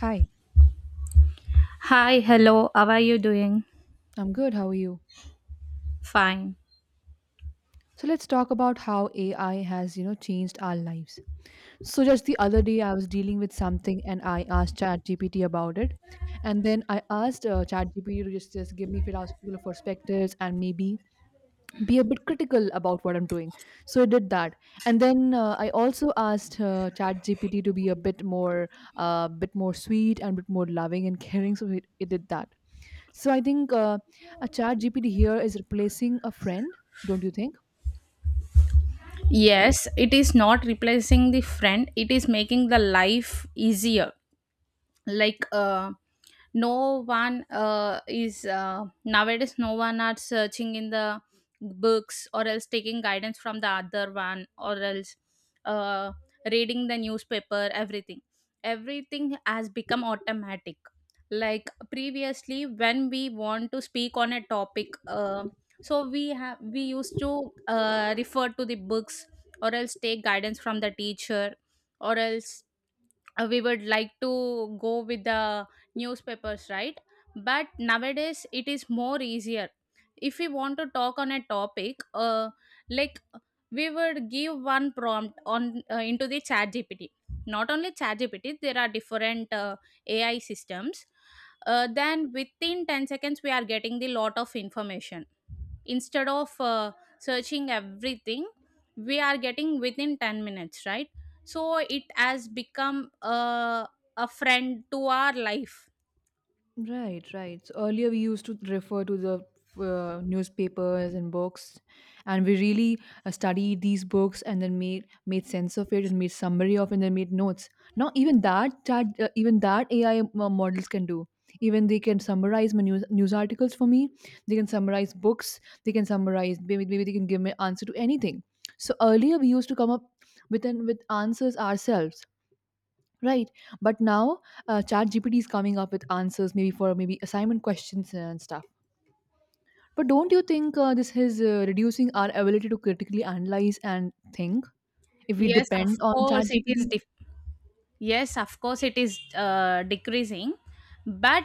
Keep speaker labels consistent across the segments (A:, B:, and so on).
A: Hi,
B: Hi, hello, how are you doing?
A: I'm good. How are you?
B: Fine.
A: So let's talk about how AI has, you know, changed our lives. So just the other day, I was dealing with something and I asked ChatGPT about it, and then I asked ChatGPT to just give me philosophical perspectives and maybe be a bit critical about what I'm doing. So it did that, and then I also asked ChatGPT to be a bit more sweet and bit more loving and caring. So it did that. So I think a chat GPT here is replacing a friend, don't you think?
B: Yes, it is not replacing the friend, it is making the life easier. Like no one is nowadays no one are searching in the books or else taking guidance from the other one or else uh, reading the newspaper, everything, everything has become automatic. Like previously when we want to speak on a topic, so we used to refer to the books or else take guidance from the teacher or else we would like to go with the newspapers, right? But nowadays it is more easier. If we want to talk on a topic, like, we would give one prompt on into the chat gpt. Not only chat gpt, there are different ai systems. Then within 10 seconds we are getting the lot of information, instead of searching everything, we are getting within 10 minutes, right? So it has become a friend to our life.
A: Right, right. So earlier we used to refer to the newspapers and books, and we really studied these books and then made sense of it and made summary of it and then made notes. Now even that AI models can do. Even they can summarize my news articles for me. They can summarize books. They can summarize. Maybe they can give me answer to anything. So earlier we used to come up with answers ourselves. Right. But now ChatGPT is coming up with answers maybe for maybe assignment questions and stuff. But don't you think this is reducing our ability to critically analyze and think if we
B: Yes, of
A: depend on
B: course it
A: ChatGPT?
B: is. Yes, of course it is decreasing. But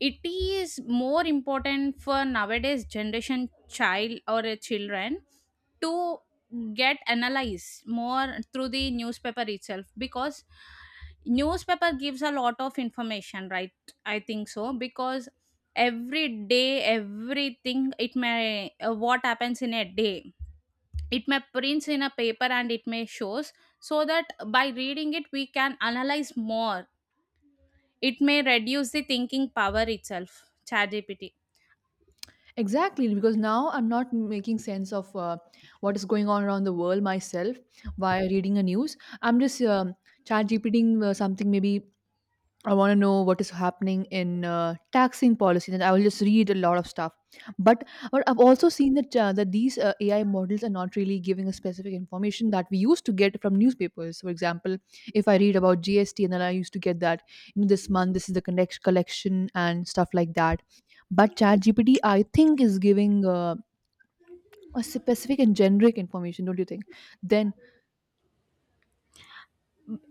B: it is more important for nowadays generation child or a children to get analyzed more through the newspaper itself, because newspaper gives a lot of information, right? I think so, because every day, everything, it may what happens in a day, it may prints in a paper and it may shows. So that by reading it we can analyze more. It may reduce the thinking power itself, chat gpt.
A: Exactly, because now I'm not making sense of what is going on around the world myself by reading the news. I'm just chat GPTing something. Maybe I want to know what is happening in taxing policies, and I will just read a lot of stuff. But, but I've also seen that these AI models are not really giving a specific information that we used to get from newspapers. For example, if I read about GST, and then I used to get that, you know, this month this is the collection and stuff like that. But ChatGPT, I think, is giving a specific and generic information. Don't you think? Then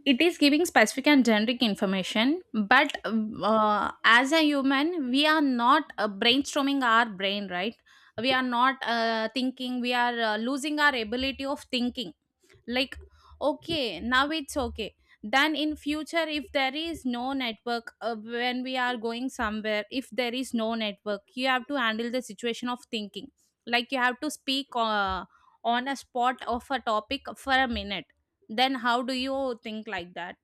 B: It is giving specific and generic information, but as a human we are not brainstorming our brain, right? We are not thinking, we are losing our ability of thinking. Like, okay, now it's okay. Then in future if there is no network, when we are going somewhere, if there is no network you have to handle the situation of thinking. Like, you have to speak on a spot of a topic for a minute. Then how do you think like that?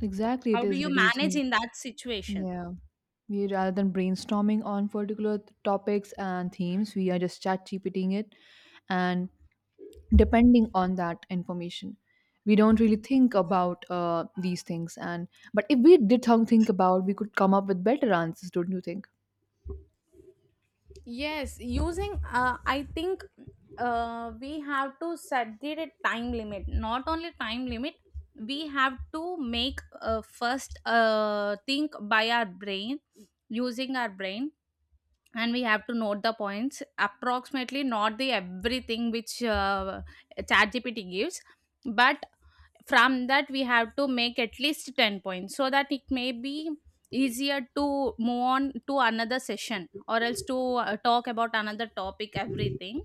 A: exactly, it
B: How do
A: is
B: you
A: reducing.
B: manage in that situation?
A: Yeah. We, rather than brainstorming on particular topics and themes, we are just chat gpting it and depending on that information. We don't really think about these things, and but if we did think about, we could come up with better answers, don't you think?
B: Yes, using I think we have to set the time limit. Not only time limit, we have to make first think by our brain, using our brain, and we have to note the points approximately, not the everything which ChatGPT gives, but from that we have to make at least 10 points so that it may be easier to move on to another session or else to talk about another topic everything.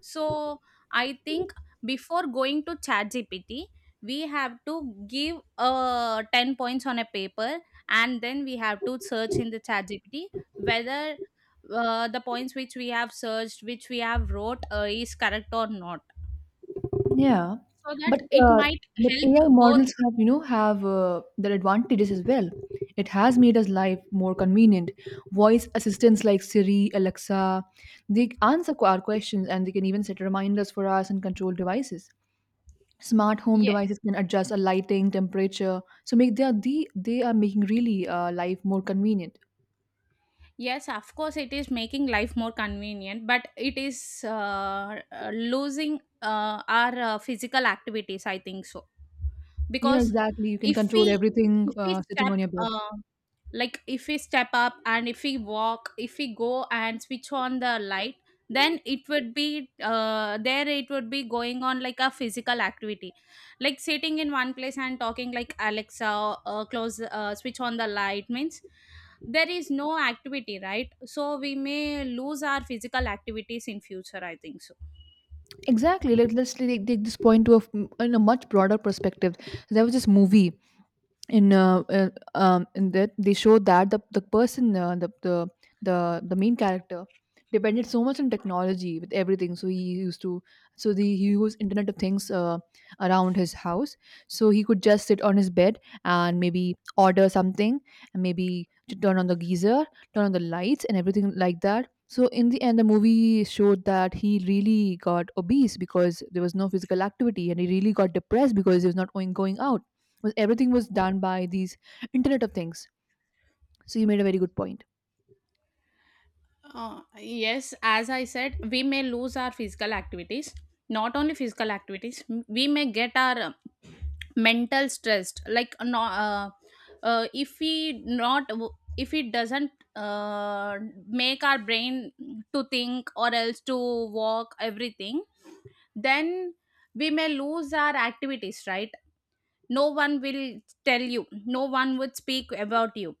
B: So I think before going to chat gpt we have to give 10 points on a paper, and then we have to search in the chat gpt whether the points which we have searched, which we have wrote is correct or not,
A: Yeah,
B: so that
A: but
B: it might
A: AI
B: help both.
A: models have, you know, have their advantages as well. It has made us life more convenient. Voice assistants like Siri, Alexa, they answer our questions, and they can even set reminders for us and control devices. Smart home devices can adjust a lighting, temperature, so make they are the they are making really life more convenient.
B: Yes, of course, it is making life more convenient, but it is losing our physical activities, I think so.
A: Yeah,
B: Because
A: exactly. You can
B: if
A: control
B: we
A: everything
B: if we
A: sitting
B: step
A: on your bed.
B: uh, like, if we step up and if we walk, if we go and switch on the light, then it would be there, it would be going on like a physical activity. Like sitting in one place and talking like alexa, close, switch on the light means there is no activity, right? So we may lose our physical activities in future, I think so.
A: Exactly. Let's take, take this point to in a much broader perspective. There was this movie in uh, uh, in that they show that the person the main character depended so much on technology with everything, so he used to, so the he used internet of things around his house, so he could just sit on his bed and maybe order something and maybe to turn on the geyser, turn on the lights and everything like that. So in the end the movie showed that he really got obese because there was no physical activity, and he really got depressed because he was not going out. Was everything was done by these internet of things. So you made a very good point.
B: Yes, as I said, we may lose our physical activities. Not only physical activities, we may get our mental stressed. Like if we not, if it doesn't uh, make our brain to think or else to walk everything, then we may lose our activities, right? No one will tell you, no one would speak about you.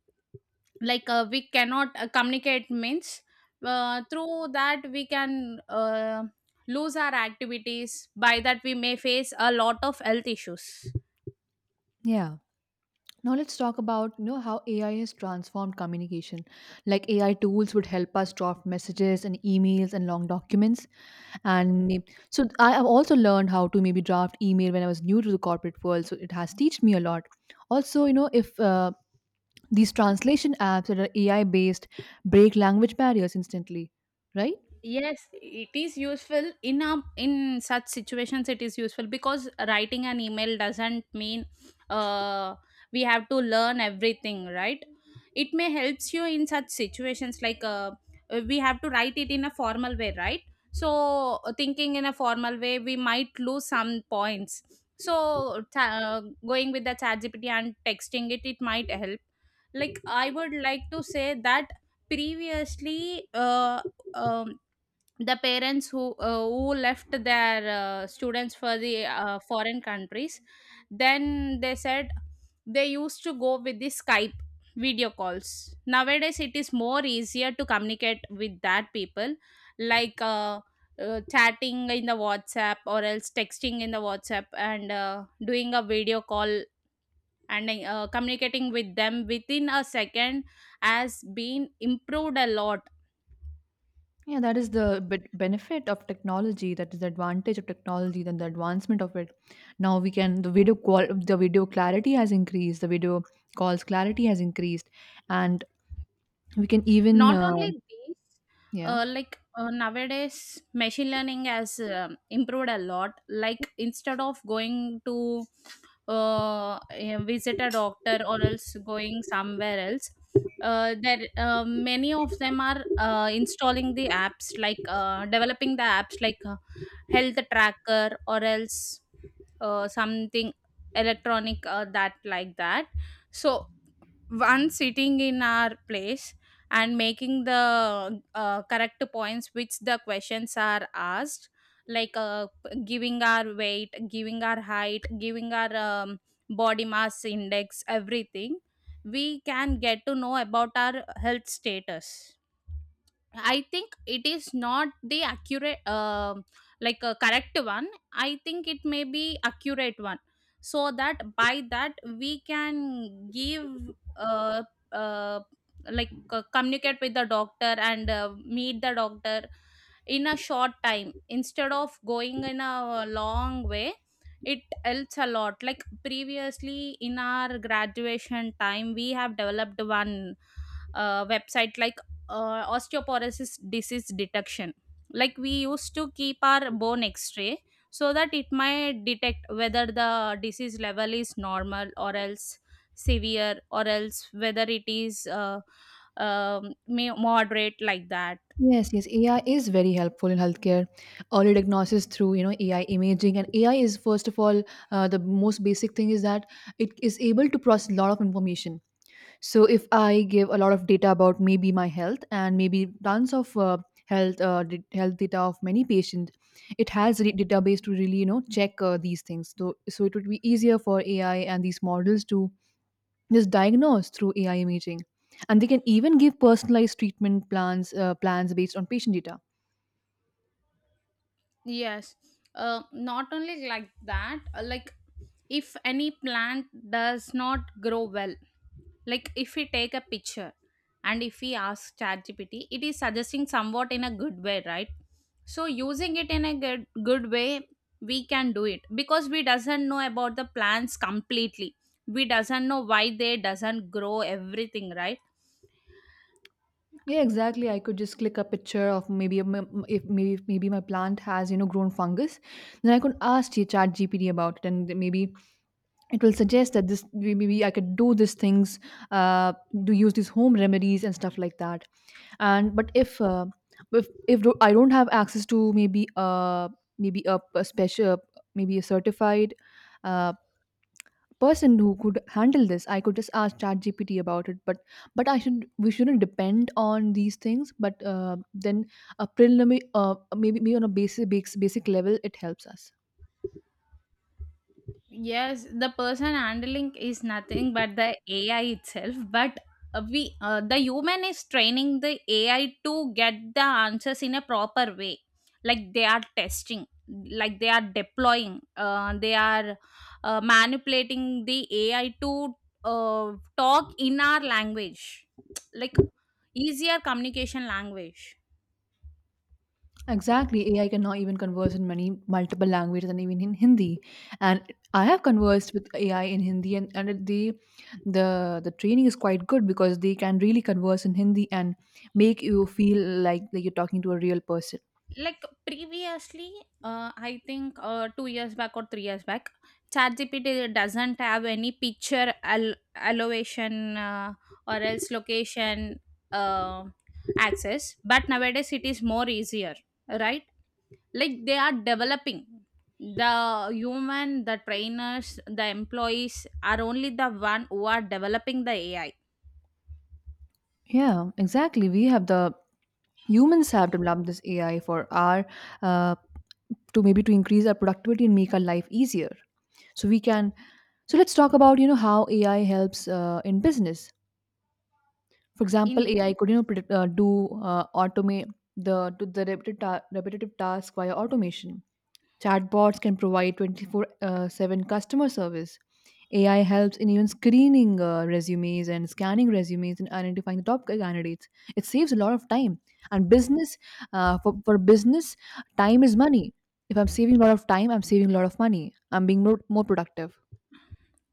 B: Like we cannot communicate means through that we can lose our activities. By that we may face a lot of health issues.
A: Yeah. Now let's talk about, you know, how AI has transformed communication. Like AI tools would help us draft messages and emails and long documents, and so I have also learned how to maybe draft email when I was new to the corporate world, so it has taught me a lot. Also, you know, if these translation apps that are ai based break language barriers instantly, right?
B: Yes, it is useful in in such situations. It is useful because writing an email doesn't mean uh, we have to learn everything, right? It may helps you in such situations. Like we have to write it in a formal way, right? So thinking in a formal way, we might lose some points. So going with the chat GPT and texting it, it might help. Like I would like to say that previously. Um, the parents who left their students for the foreign countries, then they said they used to go with the skype video calls. Nowadays it is more easier to communicate with that people. Like chatting in the whatsapp or else texting in the whatsapp and doing a video call and communicating with them within a second has been improved a lot.
A: Yeah, that is the benefit of technology. That is the advantage of technology. Then the advancement of it. Now we can the video qual the video clarity has increased. The video calls clarity has increased, and we can even
B: Not only these,
A: yeah.
B: like nowadays, machine learning has improved a lot. Like instead of going to visit a doctor or else going somewhere else, there many of them are installing the apps, like developing the apps like health tracker or else something electronic that like that. So one sitting in our place and making the correct points which the questions are asked. Like giving our weight, giving our height, giving our body mass index everything, we can get to know about our health status. I think it is not the accurate, like a correct one. I think it may be accurate one, so that by that we can give, uh, uh, like communicate with the doctor and meet the doctor in a short time instead of going in a long way. It helps a lot. Like previously in our graduation time, we have developed one website, like osteoporosis disease detection. Like we used to keep our bone x-ray so that it might detect whether the disease level is normal or else severe or else whether it is moderate, like that.
A: Yes, yes, AI is very helpful in healthcare. Early diagnosis through, you know, AI imaging, and AI is first of all the most basic thing is that it is able to process a lot of information. So if I give a lot of data about maybe my health and maybe tons of health health data of many patients, it has a database to really, you know, check these things. So so it would be easier for AI and these models to just diagnose through AI imaging, and they can even give personalized treatment plans plans based on patient data.
B: Yes, not only like that. Like if any plant does not grow well, like if we take a picture and if we ask ChatGPT, it is suggesting somewhat in a good way, right? So using it in a good, good way, we can do it because we doesn't know about the plants completely. We doesn't know why they doesn't grow everything, right?
A: Yeah, exactly. I could just click a picture of maybe if maybe maybe my plant has, you know, grown fungus, then I could ask Chat GPT about it, and maybe it will suggest that this maybe I could do these things, uh, do use these home remedies and stuff like that. And but if if I don't have access to maybe maybe a special, maybe a certified uh, person who could handle this, I could just ask ChatGPT about it. But I should, we shouldn't depend on these things, but then a preliminary maybe, maybe on a basic level it helps us.
B: Yes, the person handling is nothing but the AI itself. But the human is training the AI to get the answers in a proper way. Like they are testing, like they are deploying, they are manipulating the AI to talk in our language, like easier communication language.
A: Exactly. AI can now even converse in many multiple languages and even in Hindi. And I have conversed with AI in Hindi, and the training is quite good because they can really converse in Hindi and make you feel like you're talking to a real person.
B: Like previously I think 2 years back or 3 years back chatgpt doesn't have any elevation or else location uh, access. But nowadays it is more easier, right? Like they are developing the human, the trainers, the employees are only the one who are developing the ai
A: Yeah, exactly. We have the humans have developed this AI for our uh, to maybe to increase our productivity and make our life easier, so we can, so let's talk about, you know, how ai helps in business. For example,
B: in.
A: ai could, you know, predict, do automate the to the repetitive task via automation. Chatbots can provide 24/7 customer service. AI helps in even screening resumes and scanning resumes and identifying the top candidates. It saves a lot of time. And business, for business, time is money. If I'm saving a lot of time, I'm saving a lot of money. I'm being more productive.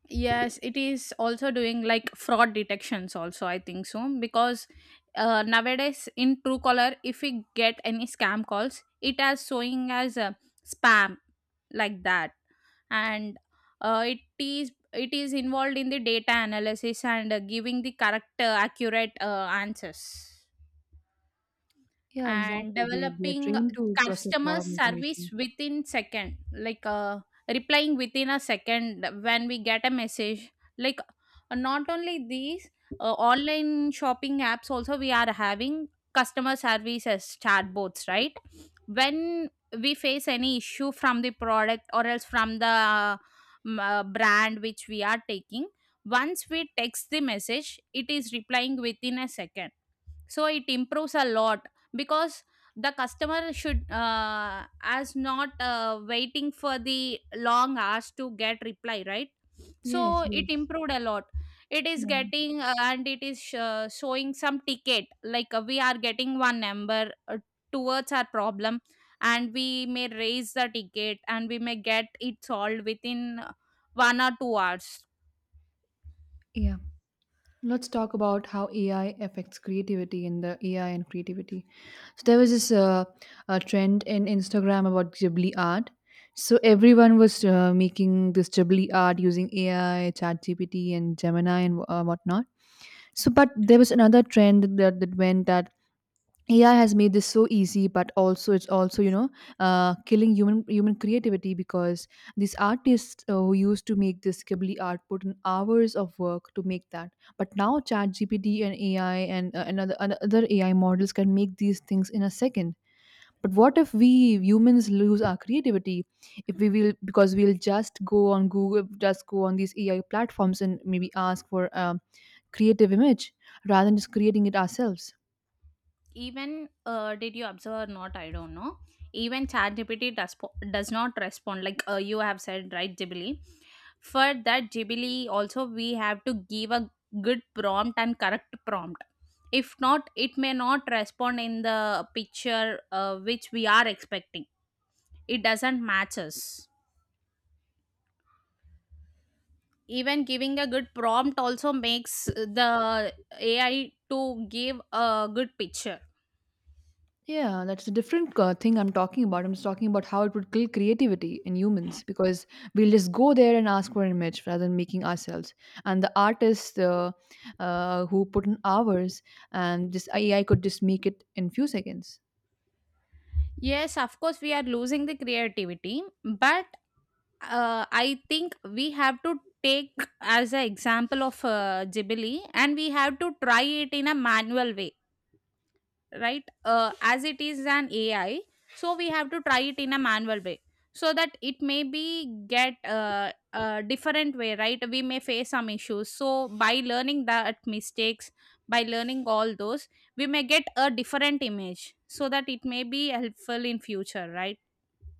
B: Yes, it is also doing like fraud detections also, I think so. Because nowadays in Truecaller if we get any scam calls, it as showing as a spam, like that. And it is involved in the data analysis and giving the correct accurate answers,
A: Yeah,
B: and
A: exactly. They are
B: developing
A: trained to process a lot
B: customer
A: of
B: service
A: information.
B: within second. Like replying within a second when we get a message. Like not only these, online shopping apps also we are having customer service as chatbots, right? When we face any issue from the product or else from the brand which we are taking, once we text the message it is replying within a second. So it improves a lot, because the customer should as not waiting for the long hours to get reply, right?
A: Yes,
B: So it
A: yes.
B: improved a lot. It is
A: Yeah.
B: getting and it is showing some ticket, like we are getting one number towards our problem, and we may raise the ticket and we may get it solved within 1 or 2 hours.
A: Yeah. Let's talk about how AI affects creativity in the AI and creativity. So there was this a trend in Instagram about Ghibli art. So everyone was making this Ghibli art using AI, ChatGPT, and Gemini and whatnot. So, but there was another trend that that went, that AI has made this so easy, but also it's also, you know, killing human creativity, because these artists who used to make this Ghibli art put in hours of work to make that, but now ChatGPT and AI and another another AI models can make these things in a second. But what if we humans lose our creativity? If we will, because we'll just go on Google, just go on these AI platforms and maybe ask for a creative image rather than just creating it ourselves.
B: Even did you observe or not, I don't know. Even ChatGPT does not respond like you have said, right? Jubilee. For that Jubilee also, we have to give a good prompt and correct prompt. If not, it may not respond in the picture which we are expecting. It doesn't match us. Even giving a good prompt also makes the ai to give a good picture.
A: Yeah, that's a different thing I'm talking about. I'm just talking about how it would kill creativity in humans because we'll just go there and ask for an image rather than making ourselves. And the artists who put in hours, and this AI could just make it in few seconds.
B: Yes, of course, we are losing the creativity, but I think we have to take as an example of Ghibli, and we have to try it in a manual way, right? As it is an ai, so we have to try it in a manual way, so that it may be get a different way, right? We may face some issues, so by learning that mistakes, by learning all those, we may get a different image, so that it may be helpful in future, right?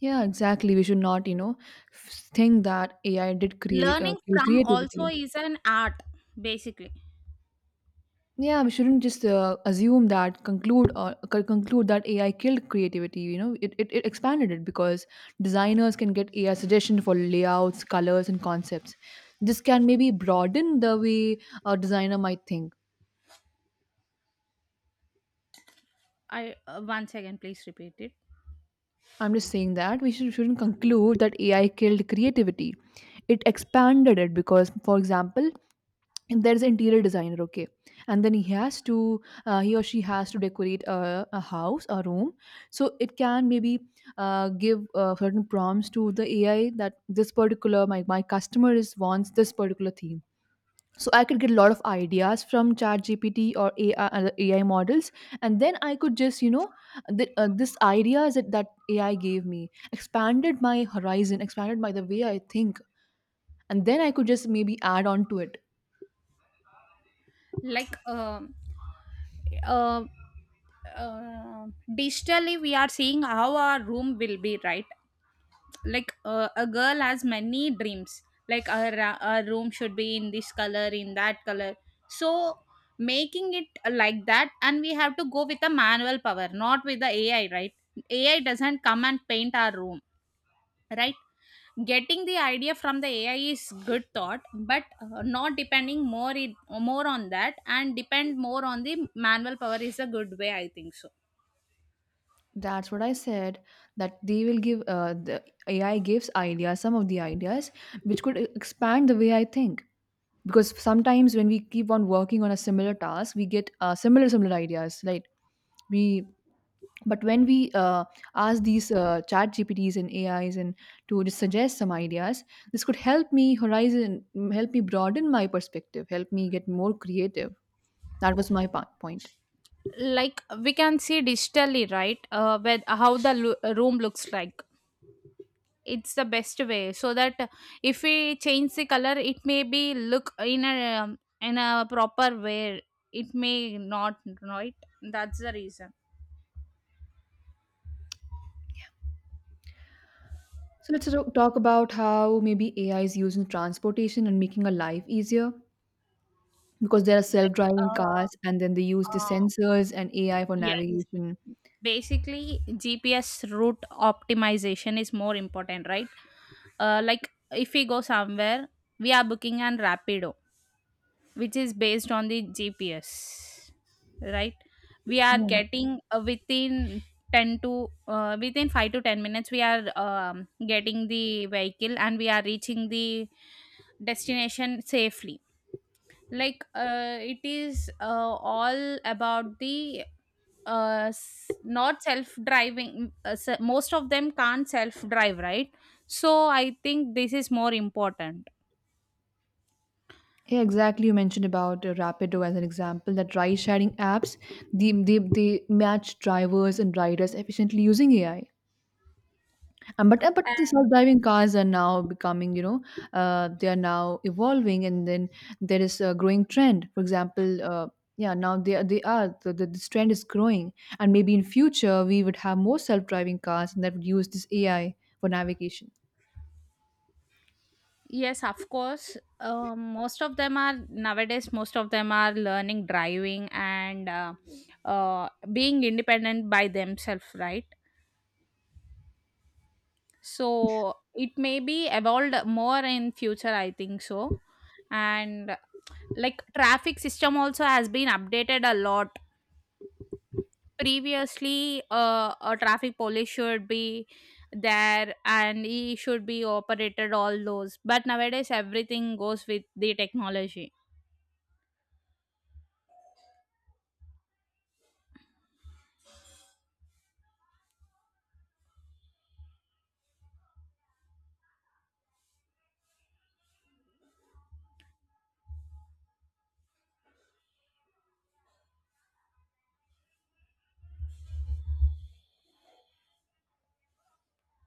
A: Yeah, exactly. We should not, you know, think that AI did create
B: Learning
A: kill
B: from also
A: creativity.
B: is an art, basically.
A: Yeah, we shouldn't just assume that conclude or conclude that AI killed creativity. You know, it expanded it because designers can get AI suggestion for layouts, colors, and concepts. This can maybe broaden the way a designer might think.
B: I, once again please repeat it.
A: I'm just saying that we shouldn't conclude that AI killed creativity. It expanded it because, for example, and there's an interior designer, okay, and then he has to he or she has to decorate a house a room, so it can maybe give certain prompts to the ai that this particular my customer is wants this particular theme, so I could get a lot of ideas from chat gpt or AI, ai models, and then I could just, you know, this ideas that ai gave me expanded my horizon, expanded my the way I think, and then I could just maybe add on to it.
B: like um uh, uh, Digitally we are seeing how our room will be, right? Like a girl has many dreams, like her room should be in this color, in that color. So making it like that, and we have to go with the manual power, not with the ai, right? Ai doesn't come and paint our room, right? Getting the idea from the ai is good thought, but not depending more more on that, and depend more on the manual power is a good way, I think so.
A: That's what I said. That they will give the AI gives ideas, some of the ideas, which could expand the way I think. Because sometimes when we keep on working on a similar task, we get similar ideas, right? We but when we ask these chat GPTs and AIs and to just suggest some ideas, this could help me horizon, help me broaden my perspective, help me get more creative. That was my point.
B: Like we can see digitally, right? With how the room looks like, it's the best way, so that if we change the color it may be look in a proper way. It may not, right? That's the reason.
A: So let's talk about how maybe AI is used in transportation and making our life easier, because there are self-driving
B: like
A: cars and then they use the
B: uh, uh,
A: sensors and AI for
B: Yes.
A: navigation.
B: Basically, GPS route optimization is more important, right? Like if we go somewhere, we are booking on Rapido, which is based on the GPS, right? We are
A: Yeah.
B: getting within 10 to within 5 to 10 minutes, we are getting the vehicle and we are reaching the destination safely. Like it is all about the not self driving. Most of them can't self drive, right? So I think this is more important.
A: Yeah, exactly. You mentioned about Rapido as an example that ride sharing apps, they match drivers and riders efficiently using AI. But the
B: And
A: self-driving cars are now becoming, you know, they are now evolving, and then there is a growing trend. For example, yeah, now they are this trend is growing, and maybe in future we would have more self-driving cars, and that would use this AI for navigation.
B: yes, of course, most of them are nowadays, most of them are learning driving and being independent by themselves, right? So it may be evolved more in future, I think so. And like traffic system also has been updated a lot. Previously a traffic police should be there and he should be operated all those, but nowadays everything goes with the technology.